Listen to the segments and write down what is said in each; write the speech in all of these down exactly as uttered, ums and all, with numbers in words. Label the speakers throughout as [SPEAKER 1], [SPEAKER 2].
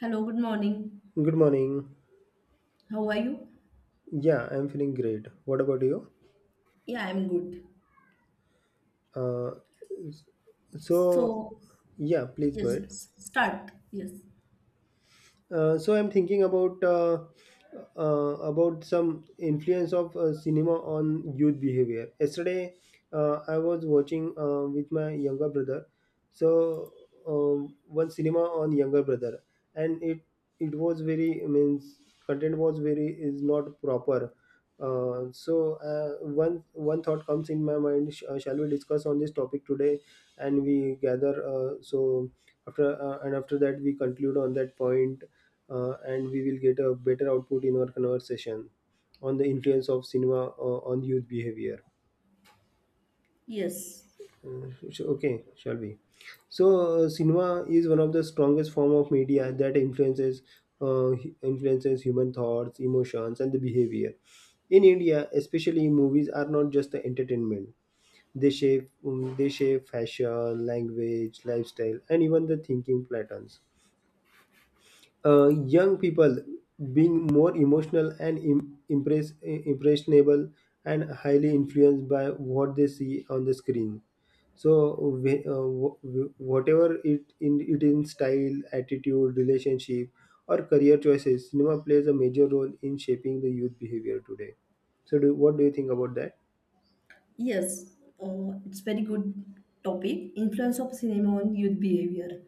[SPEAKER 1] Hello, good morning.
[SPEAKER 2] Good morning.
[SPEAKER 1] How are you?
[SPEAKER 2] Yeah, I'm feeling great. What about you?
[SPEAKER 1] Yeah, I'm good.
[SPEAKER 2] Uh, s- so,
[SPEAKER 1] So,
[SPEAKER 2] yeah, please go
[SPEAKER 1] yes,
[SPEAKER 2] ahead.
[SPEAKER 1] s- start. Yes,
[SPEAKER 2] Uh, so I'm thinking about uh, uh, about some influence of uh, cinema on youth behavior. Yesterday, uh, I was watching uh, with my younger brother. So um, one cinema on younger brother, and it it was very means content was very is not proper. Uh, so uh, one one thought comes in my mind. Sh- uh, shall we discuss on this topic today? And we gather. Uh, so after uh, and after that we conclude on that point uh, and we will get a better output in our conversation on the influence of cinema uh, on youth behavior.
[SPEAKER 1] yes,
[SPEAKER 2] Uh, sh- okay, shall we? So uh, cinema is one of the strongest form of media that influences uh, hu- influences human thoughts, emotions, and the behavior. In India, especially, movies are not just the entertainment. They shape um, they shape fashion, language, lifestyle, and even the thinking patterns. Uh, young people, being more emotional and im- impress- impressionable and highly influenced by what they see on the screen. So wh- uh, wh- whatever, it in it in style, attitude, relationship, or career choices, cinema plays a major role in shaping the youth behavior today. So do, what do you think about that?
[SPEAKER 1] yes. Uh, it's very good topic. Influence of cinema on youth behavior.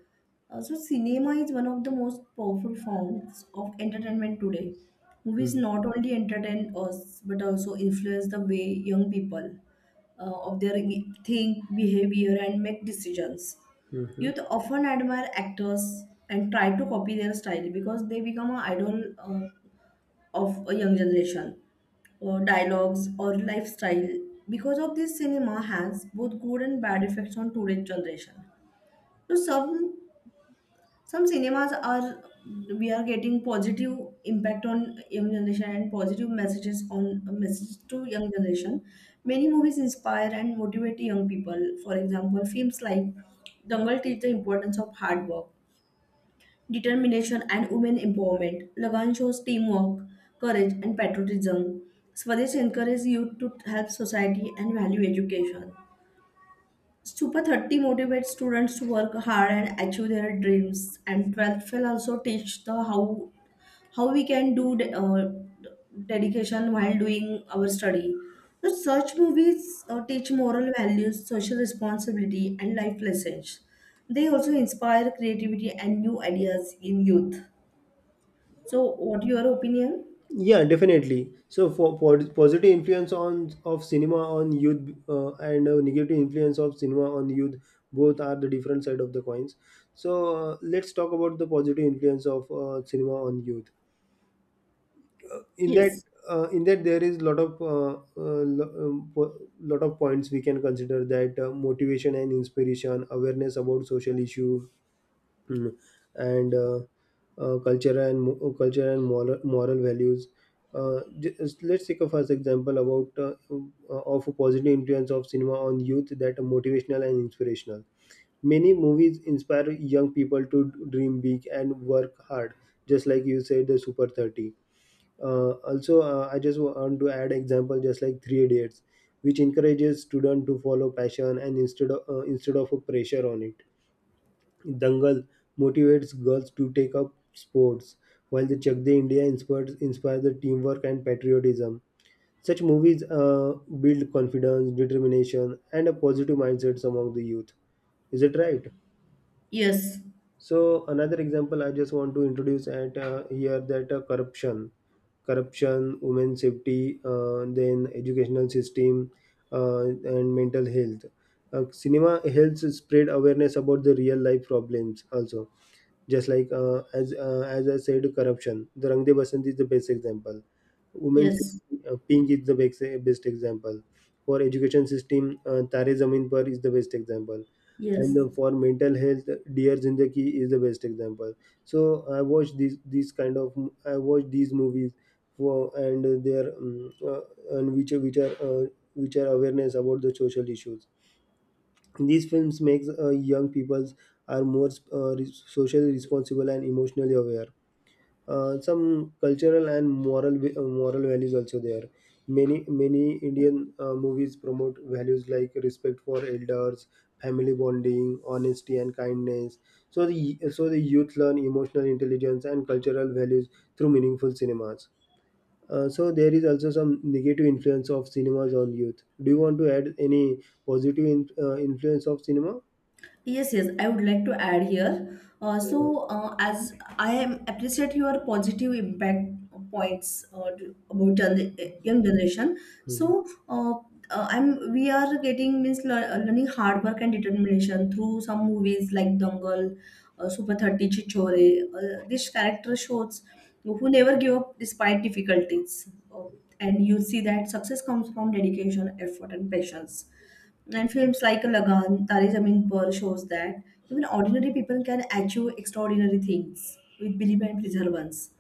[SPEAKER 1] Uh, so, cinema is one of the most powerful forms of entertainment today. Movies not only entertain us but also influence the way young people uh, of their think, behavior, and make decisions.
[SPEAKER 2] Mm-hmm.
[SPEAKER 1] Youth often admire actors and try to copy their style because they become an idol uh, of a young generation. Or dialogues or lifestyle. Because of this, cinema has both good and bad effects on today's generation. So some some cinemas are we are getting positive impact on young generation and positive messages on messages to young generation. Many movies inspire and motivate young people. For example, films like Dangal teach the importance of hard work determination and women empowerment. Lagan shows teamwork, courage, and patriotism. Swadesh encourages youth to help society and value education. Super thirty motivates students to work hard and achieve their dreams. And twelfth will also teach the how how we can do de- uh, dedication while doing our study. So such movies uh, teach moral values, social responsibility, and life lessons. They also inspire creativity and new ideas in youth. So, what your opinion?
[SPEAKER 2] Yeah, definitely. So for, for positive influence on of cinema on youth uh, and uh, negative influence of cinema on youth, both are the different side of the coins. So uh, let's talk about the positive influence of uh, cinema on youth. In that,
[SPEAKER 1] Yes,
[SPEAKER 2] uh, in that there is lot of uh, uh, lo- um, po- lot of points we can consider that uh, motivation and inspiration, awareness about social issue. Mm. And uh, uh, culture and mo- uh, culture and moral moral values. Uh, just, let's take a first example about uh, uh, of a positive influence of cinema on youth that are motivational and inspirational. Many movies inspire young people to dream big and work hard, just like you said, the Super Thirty. Uh, also, uh, I just want to add example, just like Three Idiots, which encourages students to follow passion and instead of uh, instead of a pressure on it. Dangal motivates girls to take up sports, while the Chak De India inspires, inspires the teamwork and patriotism. Such movies uh, build confidence, determination, and a positive mindset among the youth. Is it right?
[SPEAKER 1] yes,
[SPEAKER 2] So another example I just want to introduce at uh, here, that uh, corruption, corruption, women safety, uh, then educational system, uh, and mental health. Uh, cinema helps spread awareness about the real life problems also, just like uh, as uh, as I said, corruption. The Rangde Basant is the best example. Women's
[SPEAKER 1] yes,
[SPEAKER 2] uh, pink is the best, best example. For education system, uh, Tare Zameen Par is the best example.
[SPEAKER 1] yes.
[SPEAKER 2] And uh, for mental health, Dear Zindagi is the best example. So I watch these these kind of I watch these movies for and their um, uh, and which are- which are uh, which are awareness about the social issues. These films makes uh, young peoples are more uh, re- socially responsible and emotionally aware. Uh, some cultural and moral va- uh, moral values also there. Many many Indian uh, movies promote values like respect for elders, family bonding, honesty, and kindness. So the so the youth learn emotional intelligence and cultural values through meaningful cinemas. Uh, so there is also some negative influence of cinemas on youth. Do you want to add any positive in, uh, influence of cinema?
[SPEAKER 1] Yes, yes, I would like to add here. Uh,
[SPEAKER 2] Mhm.
[SPEAKER 1] so, uh, as I am appreciate your positive impact points uh, to- about gen- young generation. So, uh, uh, I'm we are getting means lear- uh, learning hard work and determination through some movies like Dangal, uh, Super Thirty, Chichore. Uh, this character shows who never give up despite difficulties, uh, and you see that success comes from dedication, effort, and patience and films like Lagan, Tare Zameen Par shows that even ordinary people can achieve extraordinary things with belief and perseverance.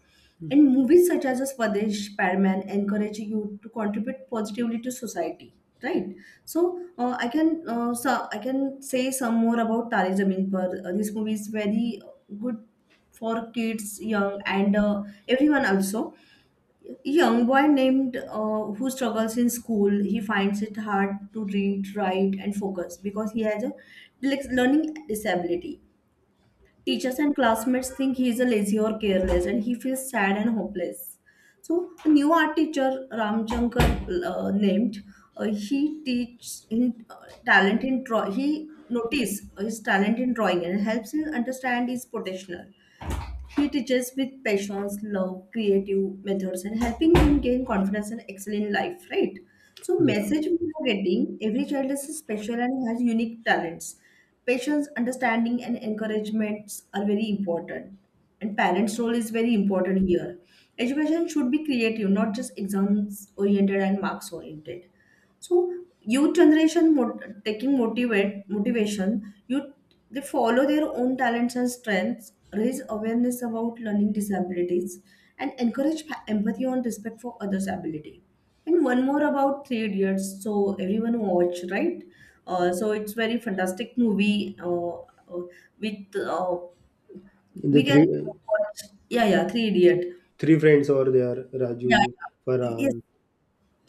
[SPEAKER 1] And movies such as Swadesh, Padman encourage you to contribute positively to society, right? So uh, I can uh, so I can say some more about Tare Zameen Par. Uh, this movie is very good for kids, young, and uh, everyone also young boy named uh, who struggles in school, he finds it hard to read write and focus because he has a dylex- learning disability. Teachers and classmates think he is a lazy or careless and he feels sad and hopeless. So a new art teacher ramchankar uh, named, uh, he teaches in, uh, talent in draw, he notice his talent in drawing and helps him understand his potential. He teaches with passions, love, creative methods, and helping them gain confidence and excel in life, right? So,
[SPEAKER 2] Yeah,
[SPEAKER 1] message we are getting every child is special and has unique talents. Patience, understanding, and encouragements are very important. And parents' role is very important here. Education should be creative, not just exams oriented and marks oriented. So youth generation mot- taking motivate motivation, you they follow their own talents and strengths, raise awareness about learning disabilities, and encourage pa- empathy and respect for others' ability. And one more about Three Idiots. So everyone watch right. Uh, so it's very fantastic movie. Uh, uh, with uh,
[SPEAKER 2] the
[SPEAKER 1] We can
[SPEAKER 2] three
[SPEAKER 1] watch, yeah, yeah, Three Idiot,
[SPEAKER 2] three friends over there,
[SPEAKER 1] yeah,
[SPEAKER 2] Raju,
[SPEAKER 1] yeah. Yes,
[SPEAKER 2] Farhan.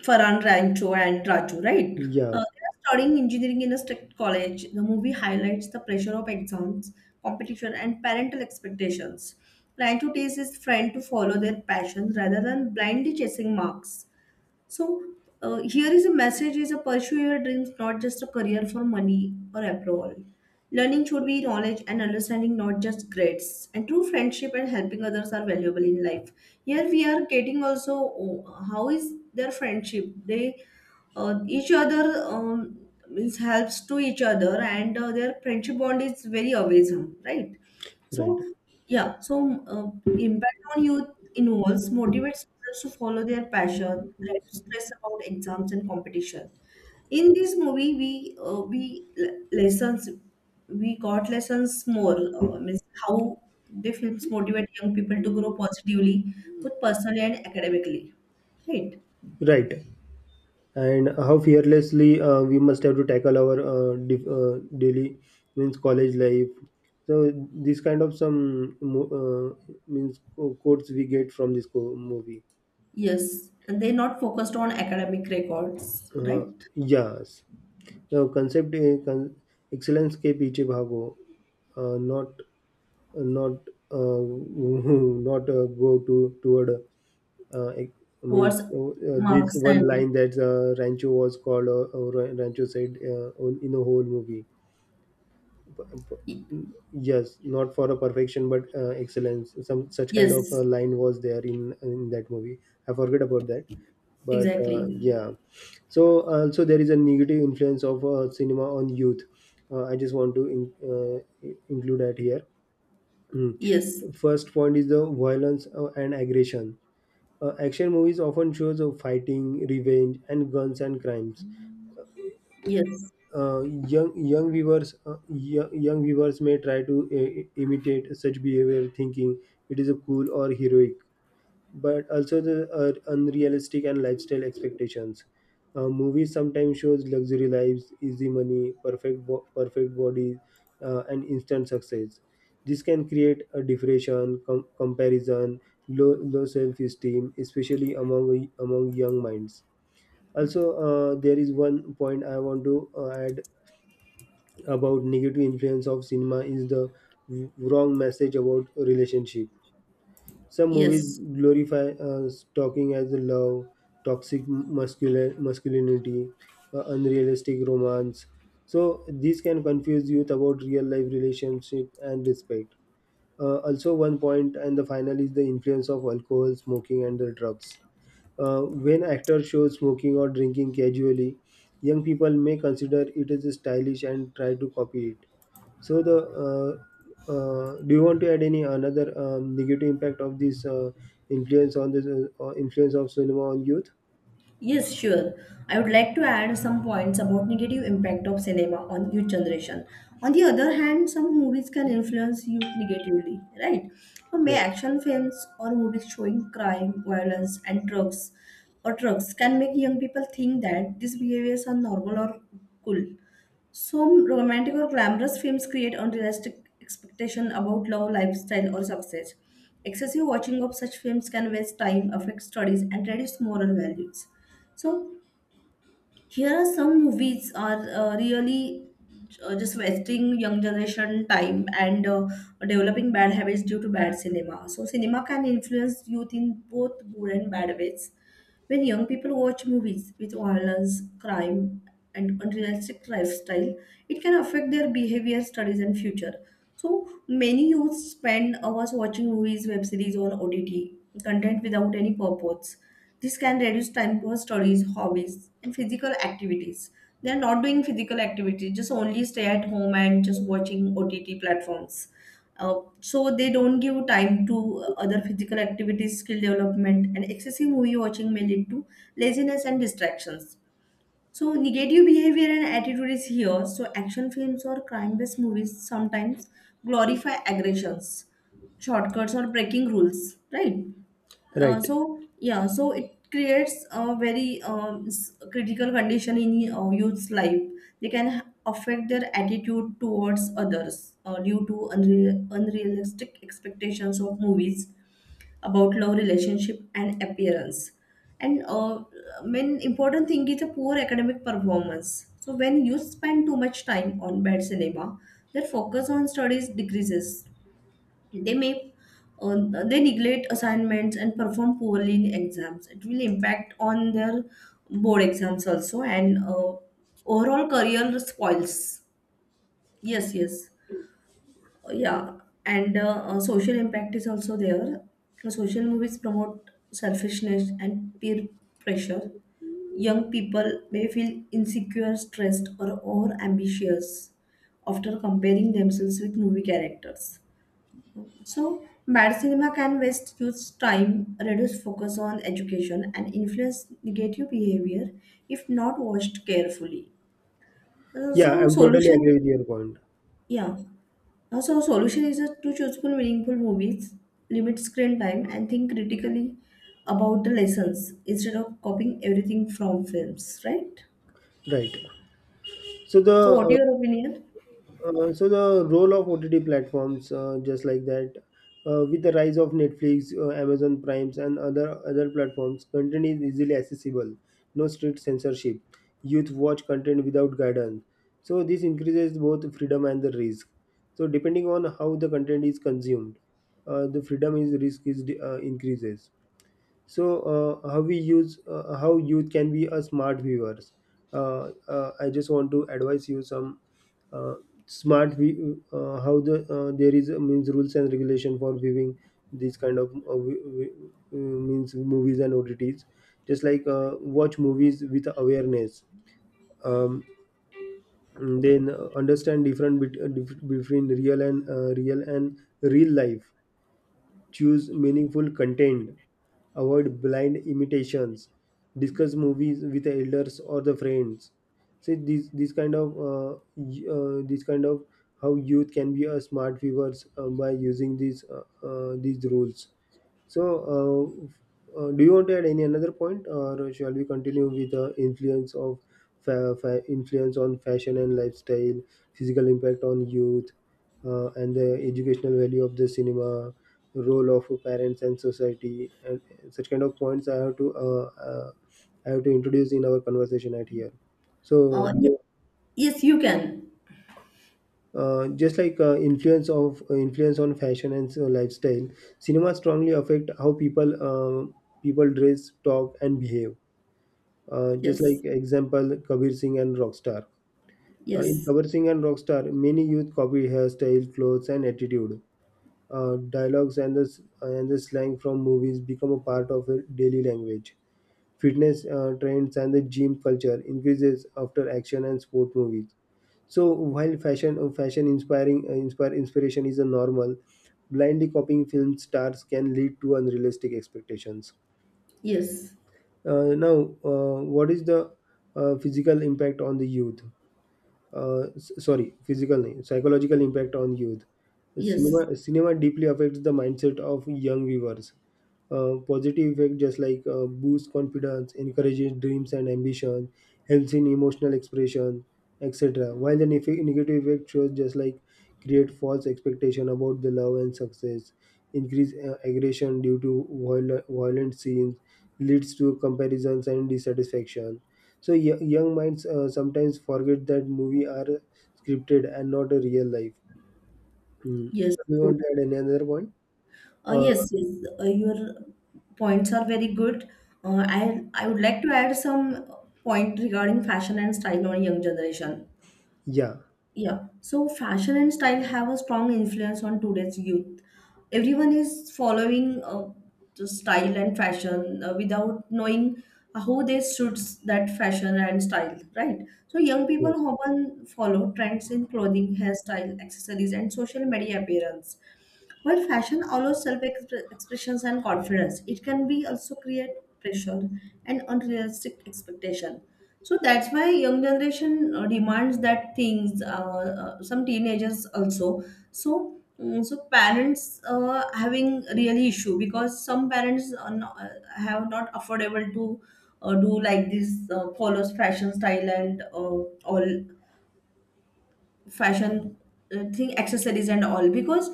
[SPEAKER 1] Farhan Rancho and Raju, right? Uh,
[SPEAKER 2] Yeah,
[SPEAKER 1] they are studying engineering in a strict college. The movie highlights the pressure of exams, competition, and parental expectations. Rancho takes his friend to follow their passions rather than blindly chasing marks. So uh, here is a message: is a pursue your dreams, not just a career for money or approval. Learning should be knowledge and understanding, not just grades. And true friendship and helping others are valuable in life. Here we are getting also, oh, how is their friendship? They uh, each other, um, means helps to each other, and uh, their friendship bond is very amazing, right?
[SPEAKER 2] right,
[SPEAKER 1] So, yeah, so uh, impact on youth involves motivates students to follow their passion, less stress about exams and competition. In this movie, we uh, we le- lessons we got lessons more uh, means how the films motivate young people to grow positively, both personally and academically, right?
[SPEAKER 2] right. And how fearlessly uh, we must have to tackle our uh, dif- uh, daily means college life. So this kind of some mo- uh, means co- quotes we get from this co- movie.
[SPEAKER 1] Yes, and they're not focused on academic records,
[SPEAKER 2] Uh,
[SPEAKER 1] right?
[SPEAKER 2] yes, the concept uh, con- excellence के पीछे भागो, uh, not not uh, not uh, go to toward uh, ex- I mean
[SPEAKER 1] Towards
[SPEAKER 2] uh, this
[SPEAKER 1] marks
[SPEAKER 2] one
[SPEAKER 1] and
[SPEAKER 2] line that uh, Rancho was called, or, or Rancho said uh, on- in a whole movie. P- p- Yes, not for a perfection but uh, excellence. Some such kind of
[SPEAKER 1] yes,
[SPEAKER 2] uh, line was there in in that movie. I forget about that, but
[SPEAKER 1] exactly.
[SPEAKER 2] uh, yeah. So also there is a negative influence of uh, cinema on youth. Uh, I just want to in, uh, include that here.
[SPEAKER 1] Yes,
[SPEAKER 2] First point is the violence uh, and aggression. Uh, action movies often shows of fighting, revenge, and guns and crimes.
[SPEAKER 1] yes,
[SPEAKER 2] Uh, young young viewers uh, yo- young viewers may try to uh, imitate such behavior, thinking it is a cool or heroic, but also the uh, unrealistic and lifestyle expectations. Uh, movies sometimes shows luxury lives, easy money, perfect bo- perfect bodies, uh, and instant success. This can create a depression, com- comparison, low low self esteem, especially among among young minds. Also, uh, there is one point I want to uh, add about negative influence of cinema is the w- wrong message about relationship. Some movies
[SPEAKER 1] yes,
[SPEAKER 2] glorify uh, stalking as a love, toxic muscular masculinity, uh, unrealistic romance. So these can confuse youth about real life relationship and respect. Uh, also, one point and the final is the influence of alcohol, smoking, and the drugs. Uh, when actors show smoking or drinking casually, young people may consider it as stylish and try to copy it. So the uh, uh, do you want to add any another um, negative impact of this uh, influence on this uh, uh, influence of cinema on youth?
[SPEAKER 1] yes, sure. I would like to add some points about negative impact of cinema on youth generation. On the other hand, some movies can influence youth negatively, right? So may
[SPEAKER 2] Right.
[SPEAKER 1] action films or movies showing crime, violence, and drugs or drugs can make young people think that these behaviors are normal or cool. Some romantic or glamorous films create unrealistic expectation about love, lifestyle, or success. Excessive watching of such films can waste time, affect studies, and reduce moral values. So here are some movies are uh, really uh, just wasting young generation time and uh, developing bad habits due to bad cinema. So cinema can influence youth in both good and bad ways. When young people watch movies with violence, crime, and unrealistic lifestyle, it can affect their behavior, studies, and future. So many youth spend hours watching movies, web series, or O T T content without any purpose. This can reduce time for studies, hobbies, and physical activities. They're not doing physical activity, just only stay at home and just watching ott platforms. uh, so they don't give time to other physical activities skill development and excessive movie watching may lead to laziness and distractions. So negative behavior and attitude is here. So action films or crime-based movies sometimes glorify aggressions, shortcuts, or breaking rules, right? Uh,
[SPEAKER 2] Right.
[SPEAKER 1] so yeah, so it creates a very um, s- critical condition in uh, youth's life. They can ha- affect their attitude towards others uh, due to unre- unrealistic expectations of movies about love relationship and appearance and uh, main important thing is a poor academic performance. So when you spend too much time on bad cinema their focus on studies decreases. they may uh, they neglect assignments and perform poorly in exams. It will impact on their board exams also and uh, overall career spoils. Yes, yes, yeah. And uh, uh, social impact is also there. The social movies promote selfishness and peer pressure. Young people may feel insecure stressed or over ambitious after comparing themselves with movie characters. So bad cinema can waste youth time reduce focus on education and influence negative behavior if not watched carefully. Uh,
[SPEAKER 2] Yeah,
[SPEAKER 1] so
[SPEAKER 2] I'm totally
[SPEAKER 1] solution.
[SPEAKER 2] agree with your point.
[SPEAKER 1] Yeah. Also, solution is just to chooseful, meaningful movies, limit screen time, and think critically about the lessons instead of copying everything from films, right?
[SPEAKER 2] Right. So the
[SPEAKER 1] So, what
[SPEAKER 2] uh,
[SPEAKER 1] your opinion?
[SPEAKER 2] Uh, so the role of O T T platforms, uh, just like that, uh, with the rise of Netflix, uh, Amazon Primes, and other other platforms, content is easily accessible. No strict censorship. Youth watch content without guidance. So this increases both freedom and the risk. So depending on how the content is consumed, uh, the freedom is risk is uh, increases. So uh, how we use, uh, how youth can be a smart viewers. uh, uh, I just want to advise you some uh, smart view uh, how the uh, there is uh, means rules and regulation for viewing these kind of uh, vi- vi- uh, means movies and odds, just like uh, watch movies with awareness, um, then uh, understand different bet- uh, dif- between real and uh, real and real life, choose meaningful content, avoid blind imitations, discuss movies with the elders or the friends. So these these kind of uh, y- uh, this kind of how youth can be a smart viewers uh, by using these uh, uh, these rules. So, uh, uh, do you want to add any another point, or shall we continue with the influence of fa- fa- influence on fashion and lifestyle, physical impact on youth, uh, and the educational value of the cinema? Role of parents and society, and such kind of points I have to uh, uh, I have to introduce in our conversation at here. So
[SPEAKER 1] Uh, yes, yes, you can.
[SPEAKER 2] uh, just like uh, influence of influence on fashion and so lifestyle, cinema strongly affect how people uh, people dress, talk, and behave, uh, just
[SPEAKER 1] Yes,
[SPEAKER 2] like example Kabir Singh and Rockstar. Uh, in
[SPEAKER 1] yes,
[SPEAKER 2] Kabir Singh and Rockstar, many youth copy hairstyle, clothes, and attitude. Uh, dialogues and the, s- and the slang from movies become a part of their daily language. Fitness uh, trends and the gym culture increases after action and sport movies. So while fashion uh, fashion inspiring uh, inspire inspiration is a normal, blindly copying film stars can lead to unrealistic expectations.
[SPEAKER 1] yes,
[SPEAKER 2] Uh, now, uh, what is the uh, physical impact on the youth? Uh, s- sorry, physical, nahi, psychological impact on youth.
[SPEAKER 1] yes,
[SPEAKER 2] Cinema, cinema deeply affects the mindset of young viewers. Uh, positive effect, just like uh, boosts confidence, encourages dreams and ambition, helps in emotional expression, et cetera. While the nef- negative effect shows, just like, create false expectation about the love and success, increase uh, aggression due to viol- violent scenes, leads to comparisons and dissatisfaction. So y- young minds uh, sometimes forget that movie are scripted and not a real life. Mm.
[SPEAKER 1] yes,
[SPEAKER 2] So you
[SPEAKER 1] true.
[SPEAKER 2] want to add any another point?
[SPEAKER 1] Uh,
[SPEAKER 2] Uh,
[SPEAKER 1] yes, yes, uh, your points are very good. Uh, I I would like to add some point regarding fashion and style on young generation.
[SPEAKER 2] yeah.
[SPEAKER 1] Yeah, so fashion and style have a strong influence on today's youth. Everyone is following uh, the style and fashion uh, without knowing how they suits that fashion and style, right? So young people
[SPEAKER 2] Yes.
[SPEAKER 1] often follow trends in clothing, hairstyle, accessories, and social media appearance. While fashion allows self-expressions and confidence, it can be also create pressure and unrealistic expectation. So that's why young generation uh, demands that things. Uh, uh, some teenagers also. So mm, so parents uh, having really issue because some parents are not, uh, have not affordable to uh, do like this, uh, follows fashion style and uh, all fashion uh, thing accessories and all because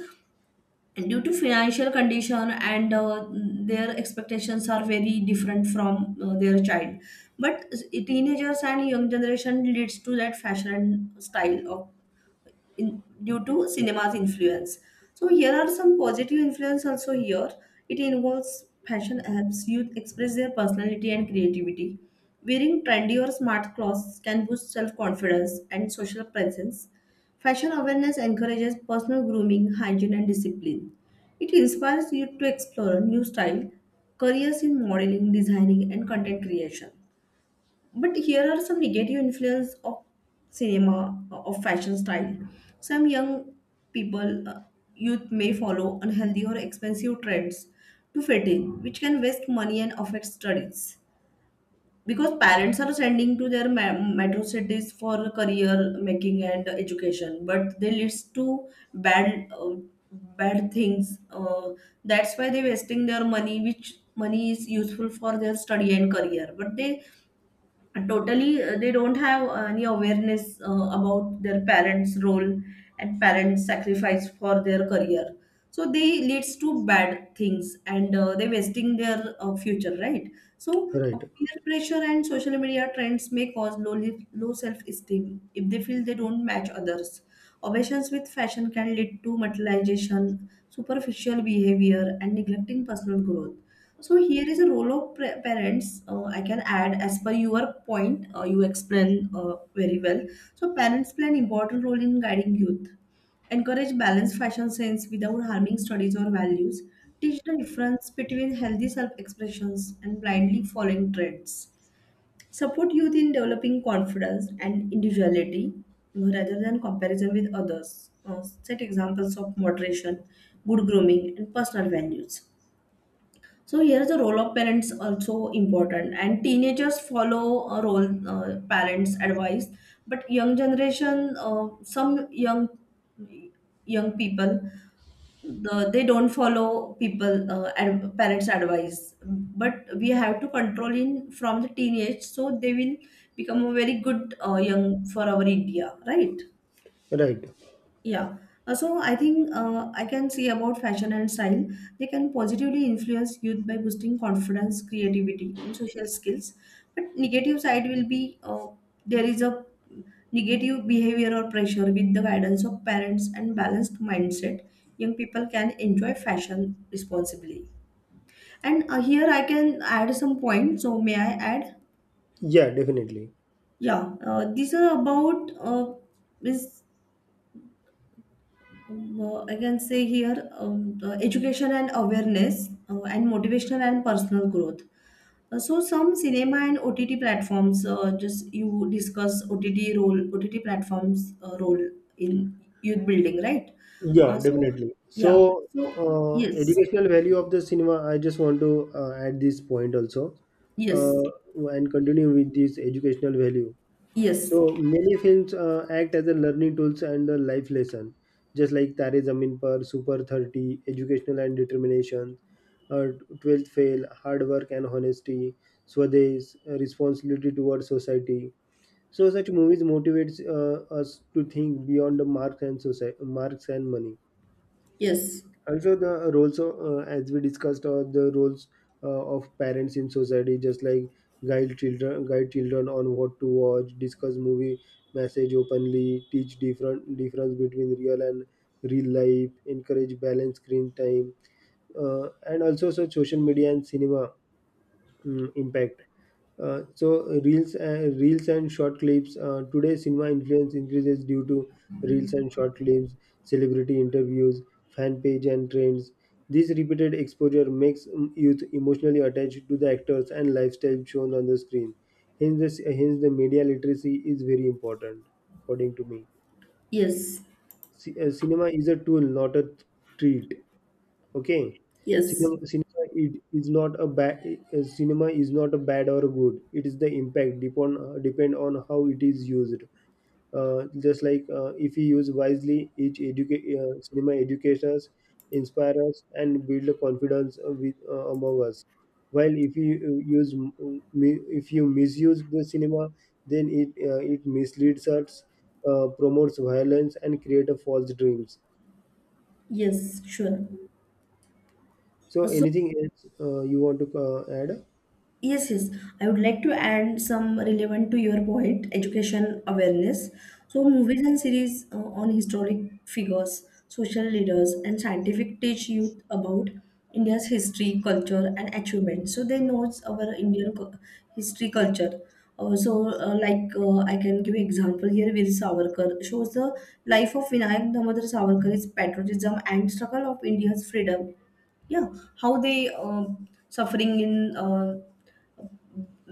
[SPEAKER 1] and due to financial condition and uh, their expectations are very different from uh, their child but teenagers and young generation leads to that fashion and style of in, due to cinema's influence. So here are some positive influence also here. It involves fashion helps Youth express their personality and creativity. Wearing trendy or smart clothes can boost self-confidence and social presence. Fashion awareness encourages personal grooming, hygiene, and discipline. It inspires you to explore new style, careers in modeling, designing, and content creation. But here are some negative influence of cinema uh, of fashion style. Some young people, uh, youth may follow unhealthy or expensive trends to fit in, which can waste money and affect studies because parents are sending to their ma- metro cities for career making and education but they leads to bad uh, bad things. Uh, that's why they're wasting their money which money is useful for their study and career but they and totally uh, they don't have uh, any awareness uh, about their parents role and parents sacrifice for their career. So they leads to bad things and uh, they wasting their uh, future, right? So uh,
[SPEAKER 2] Right.
[SPEAKER 1] peer pressure and social media trends may cause low li- low self esteem if they feel they don't match others. Obsessions with fashion can lead to materialization superficial behavior and neglecting personal growth. So here is a role of pre- parents. Uh, I can add as per your point. Uh, you explain uh, very well. So parents play an important role in guiding youth. Encourage balanced fashion sense without harming studies or values. Teach the difference between healthy self-expressions and blindly following trends. Support youth in developing confidence and individuality uh, rather than comparison with others. Uh, set examples of moderation, good grooming, and personal values. So here's the role of parents also important, and teenagers follow a role uh, parents' advice, but young generation, uh, some young young people, the, they don't follow people uh, ad, parents' advice. But we have to control in from the teenage, so they will become a very good uh, young for our India, right?
[SPEAKER 2] Right.
[SPEAKER 1] Yeah. Uh, So I think uh, I can say about fashion and style. They can positively influence youth by boosting confidence, creativity, and social skills. But negative side will be uh, there is a negative behavior or pressure with the guidance of parents and balanced mindset. Young people can enjoy fashion responsibly. And uh, here I can add some points. So may I add?
[SPEAKER 2] Yeah. Definitely.
[SPEAKER 1] Yeah, uh, these are about uh, is Um, uh, I can say here um, uh, education and awareness uh, and motivational and personal growth. Uh, so some cinema and O T T platforms, uh, just you discuss O T T role, O T T platforms uh, role in youth building, right? Uh,
[SPEAKER 2] Yeah.
[SPEAKER 1] so
[SPEAKER 2] Definitely.
[SPEAKER 1] yeah,
[SPEAKER 2] So
[SPEAKER 1] so
[SPEAKER 2] uh,
[SPEAKER 1] yes,
[SPEAKER 2] educational value of the cinema. I just want to uh, add this point also,
[SPEAKER 1] yes,
[SPEAKER 2] uh, and continue with this educational value.
[SPEAKER 1] yes,
[SPEAKER 2] So many films uh, act as a learning tools and a life lesson, just like Tare Zameen Par, Super thirty, Educational and Determination, uh, twelfth Fail, Hard Work and Honesty, Swadesh, uh, Responsibility Towards Society. So such movies motivates uh, us to think beyond the marks and society, marks and money.
[SPEAKER 1] yes,
[SPEAKER 2] Also the roles of, uh, as we discussed uh, the roles uh, of parents in society, just like guide children guide children on what to watch, discuss movie message openly, teach different difference between real and real life, encourage balanced screen time. Uh, and also, so social media and cinema, mm, impact. Uh, so uh, reels and reels and short clips. Uh, today, cinema influence increases due to reels and short clips, celebrity interviews, fan page, and trends. This repeated exposure makes mm, youth emotionally attached to the actors and lifestyle shown on the screen. Hence, the, hence the media literacy is very important, according to me.
[SPEAKER 1] yes,
[SPEAKER 2] C- uh, cinema is a tool, not a treat. Okay.
[SPEAKER 1] yes,
[SPEAKER 2] Cinema, cinema it is not a bad. Cinema is not a bad or good, it is the impact, depend depend on how it is used. Uh, just like, uh, if we use wisely, each educa- uh, cinema educators inspire us and build a confidence uh, with, uh, among us. While if you uh, use, mi- if you misuse the cinema, then it uh, it misleads us, uh, promotes violence and create a false dreams.
[SPEAKER 1] yes, sure.
[SPEAKER 2] So
[SPEAKER 1] Uh, So
[SPEAKER 2] anything else uh, you want to uh, add?
[SPEAKER 1] Yes, yes. I would like to add some relevant to your point, education awareness. So, movies and series uh, on historic figures, social leaders, and scientific teach youth about India's history, culture, and achievements. So they knows our Indian cu- history, culture. Also, uh, like uh, I can give example here, Veer Savarkar shows the life of Vinayak Damodar Savarkar, his patriotism and struggle of India's freedom. Yeah, how they uh, suffering in. Uh,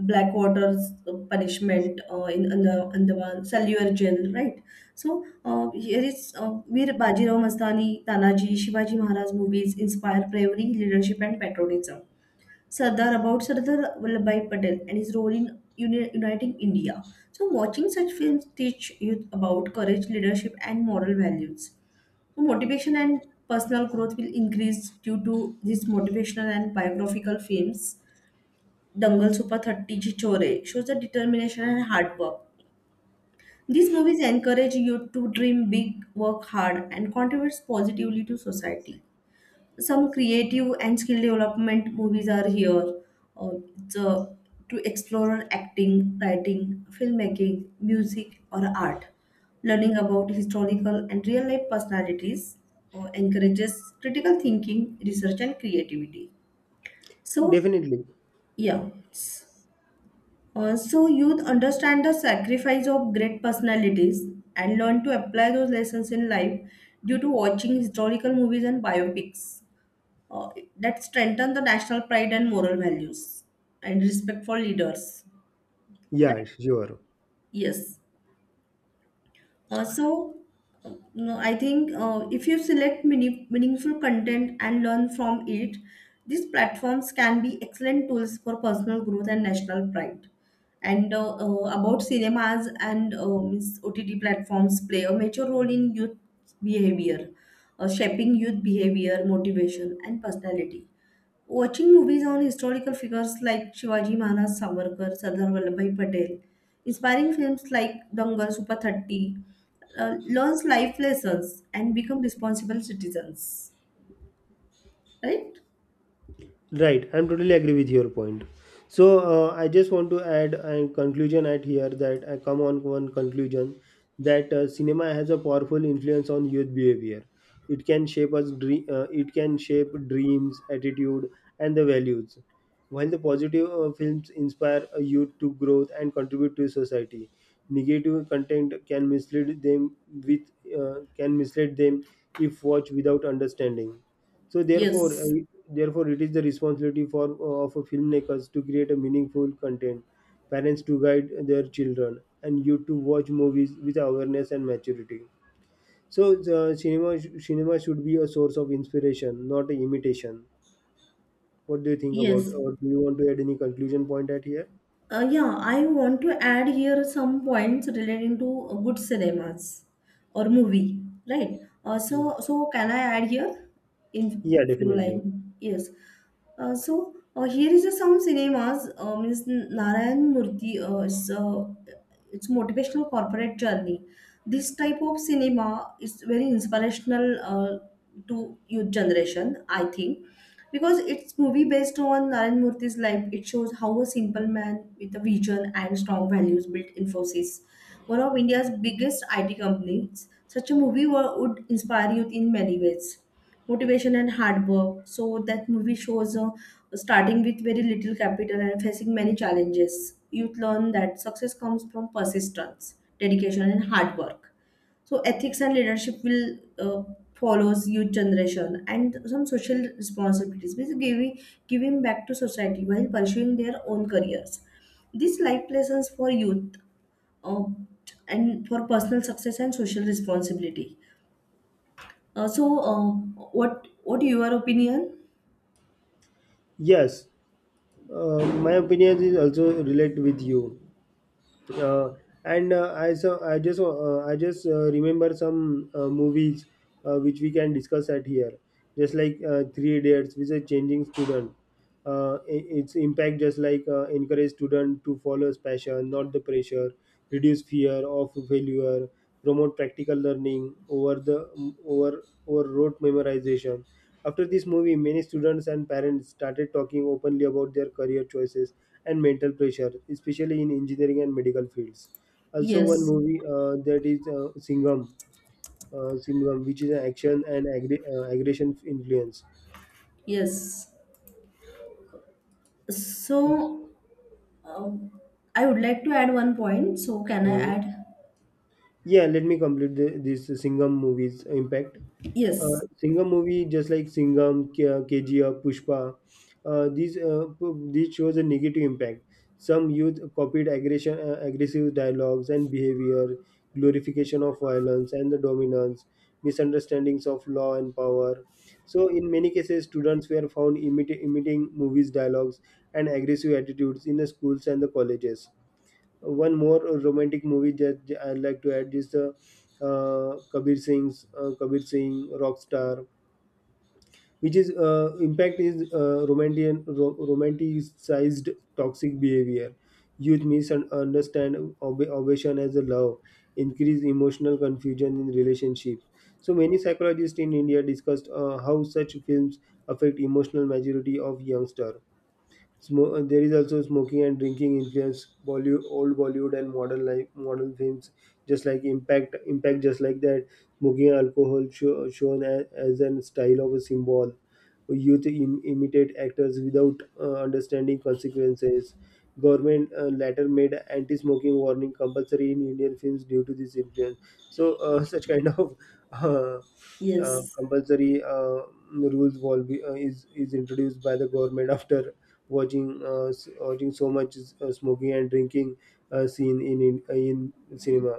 [SPEAKER 1] Blackwater's uh, punishment uh, in Anda- Andaman, Saluar jail, right? So uh, here is uh, Veer Bajirao Mastani, Tanaji, Shivaji Maharaj movies inspire bravery, leadership, and patriotism. Sardar about Sardar Vallabhbhai Patel and his role in uni- uniting India. So watching such films teach youth about courage, leadership, and moral values. So motivation and personal growth will increase due to these motivational and biographical films Dangal Sopa thirty ji chore shows the determination and hard work. These movies encourage you to dream big, work hard, and contribute positively to society. Some creative and skill development movies are here uh, the, to explore acting, writing, filmmaking, music, or art. Learning about historical and real life personalities uh, encourages critical thinking, research, and creativity. So,
[SPEAKER 2] Definitely.
[SPEAKER 1] yeah. Uh, so youth understand the sacrifice of great personalities and learn to apply those lessons in life due to watching historical movies and biopics uh, that strengthen the national pride and moral values and respect for leaders.
[SPEAKER 2] Yeah,
[SPEAKER 1] Right?
[SPEAKER 2] sure.
[SPEAKER 1] Yes. Uh, so, uh, no, I think uh, if you select meaning, meaningful content and learn from it, these platforms can be excellent tools for personal growth and national pride. And uh, uh, about cinemas and uh, means O T T platforms play a major role in youth behavior, uh, shaping youth behavior, motivation, and personality. Watching movies on historical figures like Shivaji Maharaj Savarkar, Sardar Vallabhbhai Patel, inspiring films like Dangal, Super thirty, uh, learns life lessons and become responsible citizens. Right?
[SPEAKER 2] Right, I'm totally agree with your point. So, uh, I just want to add a conclusion at here, that I come on one conclusion that uh, cinema has a powerful influence on youth behavior. It can shape us. Dre- uh, it can shape dreams, attitude, and the values. While the positive uh, films inspire a youth to growth and contribute to society, negative content can mislead them with, uh, can mislead them if watched without understanding. So therefore, uh,
[SPEAKER 1] Yes.
[SPEAKER 2] therefore, it is the responsibility for uh, of filmmakers to create a meaningful content, parents to guide their children, and you to watch movies with awareness and maturity. So, the cinema cinema should be a source of inspiration, not an imitation. What do you think about,
[SPEAKER 1] Yes.
[SPEAKER 2] or do you want to add any conclusion point at here?
[SPEAKER 1] Uh, yeah, I want to add here some points relating to uh, good cinemas or movie, right? Uh,
[SPEAKER 2] Mm.
[SPEAKER 1] so, so can I add here in
[SPEAKER 2] Yeah,
[SPEAKER 1] few
[SPEAKER 2] definitely.
[SPEAKER 1] line? Yes. Uh, so uh, here is a some cinemas. Uh, means Narayan Murthy. Uh, is, uh, it's motivational corporate journey. This type of cinema is very inspirational uh, to youth generation. I think because it's movie based on Naren Murthy's life. It shows how a simple man with a vision and strong values built Infosys, one of India's biggest I T companies. Such a movie wo- would inspire youth in many ways. Motivation and hard work. So that movie shows uh, starting with very little capital and facing many challenges. Youth learn that success comes from persistence, dedication, and hard work. So ethics and leadership will uh, follows youth generation and some social responsibilities, which giving giving back to society while pursuing their own careers. These life lessons for youth uh, and for personal success and social responsibility. Uh, so, uh, what what your opinion?
[SPEAKER 2] Yes, uh, my opinion is also relate with you. Uh, and uh, I, so I just uh, I just uh, remember some uh, movies uh, which we can discuss at here, just like uh, Three Idiots, which is changing student. Uh, i- its impact, just like uh, encourage student to follow his passion, not the pressure, reduce fear of failure, promote practical learning over the over over rote memorization. After this movie, many students and parents started talking openly about their career choices and mental pressure, especially in engineering and medical fields. Also, one
[SPEAKER 1] Yes,
[SPEAKER 2] movie uh, that is uh, Singham, uh, Singham, which is an action and aggre- uh, aggression influence.
[SPEAKER 1] yes. So, uh, I would like to add one point. So, can I
[SPEAKER 2] Uh,
[SPEAKER 1] add?
[SPEAKER 2] yeah, let me complete the, this Singham movie's impact. Uh,
[SPEAKER 1] Yes,
[SPEAKER 2] Singham movie, just like Singham, K- uh, K G F, Pushpa, uh, these, uh, p- these shows a negative impact. Some youth copied aggression, uh, aggressive dialogues and behavior, glorification of violence and the dominance, misunderstandings of law and power. So, in many cases, students were found imita- imitating movies dialogues and aggressive attitudes in the schools and the colleges. One more romantic movie that I'd like to add is uh, uh, Kabir Singh's, uh, Kabir Singh Rockstar, which is uh, impact is uh, romantic, ro- romanticized toxic behavior. Youth misunderstand ob- obsession as a love, increase emotional confusion in relationships. So many psychologists in India discussed uh, how such films affect emotional maturity of youngster. Smo- uh, there is also smoking and drinking influence, Bollywood, old Bollywood and modern life, modern films, just like impact, impact just like that. Smoking alcohol show, shown as, as an style of a symbol. Youth, Im- imitate actors without uh, understanding consequences. Government uh, later made anti-smoking warning compulsory in Indian films due to this influence. So uh, such kind of uh, uh,
[SPEAKER 1] yes,
[SPEAKER 2] compulsory uh, rules will be, uh, is is introduced by the government after watching, uh, s- watching so much uh, smoking and drinking uh, seen in in, uh, in cinema.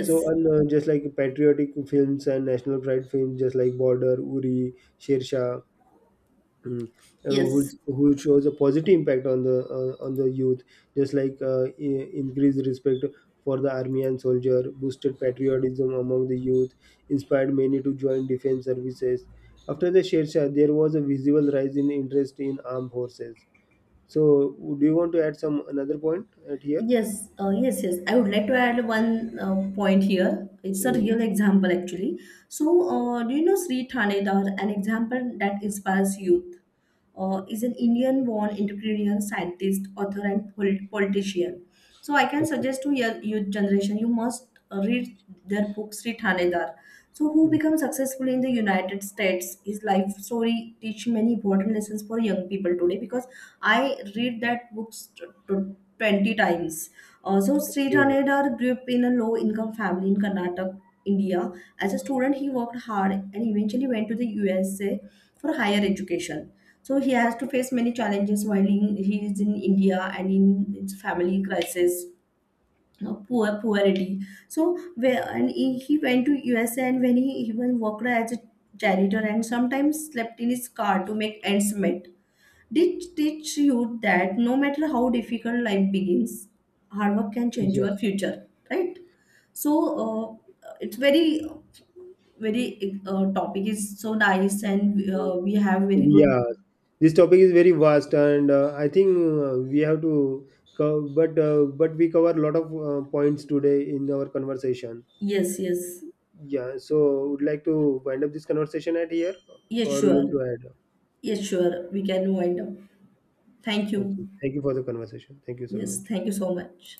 [SPEAKER 2] So and uh, just like patriotic films and national pride films, just like Border, Uri, Shershah, mm, uh, who
[SPEAKER 1] yes.
[SPEAKER 2] who shows a positive impact on the, uh, on the youth, just like uh, i- increased respect for the army and soldier, boosted patriotism among the youth, inspired many to join defense services. After the Shershah, there was a visible rise in interest in armed forces. So, would you want to add some another point at here?
[SPEAKER 1] Yes, uh, yes, yes. I would like to add one uh, point here. It's a
[SPEAKER 2] Uh,
[SPEAKER 1] real example, actually. So, uh, do you know Sri Thanedar, an example that inspires youth? Uh, is an Indian born entrepreneur, scientist, author, and polit- politician. So I can
[SPEAKER 2] Okay.
[SPEAKER 1] suggest to your youth generation, you must uh, read their book Sri Thanedar. So who
[SPEAKER 2] Mm,
[SPEAKER 1] becomes successful in the United States, his life story teach many important lessons for young people today because I read that books t- t- twenty times. Uh, so Sri
[SPEAKER 2] okay.
[SPEAKER 1] Thanedar grew up in a low income family in Karnataka, India. As a student, he worked hard and eventually went to the U S A for higher education. So he has to face many challenges while he, he is in India and in its family crisis, you know, poor poverty. So where and he, he went to U S A and when he even worked as a janitor and sometimes slept in his car to make ends meet. Did teach you that no matter how difficult life begins, hard work can change
[SPEAKER 2] Yeah.
[SPEAKER 1] your future, right? So uh, it's very very uh, topic is so nice and uh,
[SPEAKER 2] So,
[SPEAKER 1] we have very good
[SPEAKER 2] yeah. This topic is very vast, and uh, I think uh, we have to, co- but uh, but we cover a lot of uh, points today in our conversation.
[SPEAKER 1] yes yes.
[SPEAKER 2] Yeah. So, would like to wind up this conversation at here,
[SPEAKER 1] Yes,
[SPEAKER 2] or you
[SPEAKER 1] sure.
[SPEAKER 2] want to add?
[SPEAKER 1] Yes, sure. We can wind up. Thank you.
[SPEAKER 2] Okay. Thank you for the conversation. Thank you so
[SPEAKER 1] Yes,
[SPEAKER 2] much.
[SPEAKER 1] thank you so much.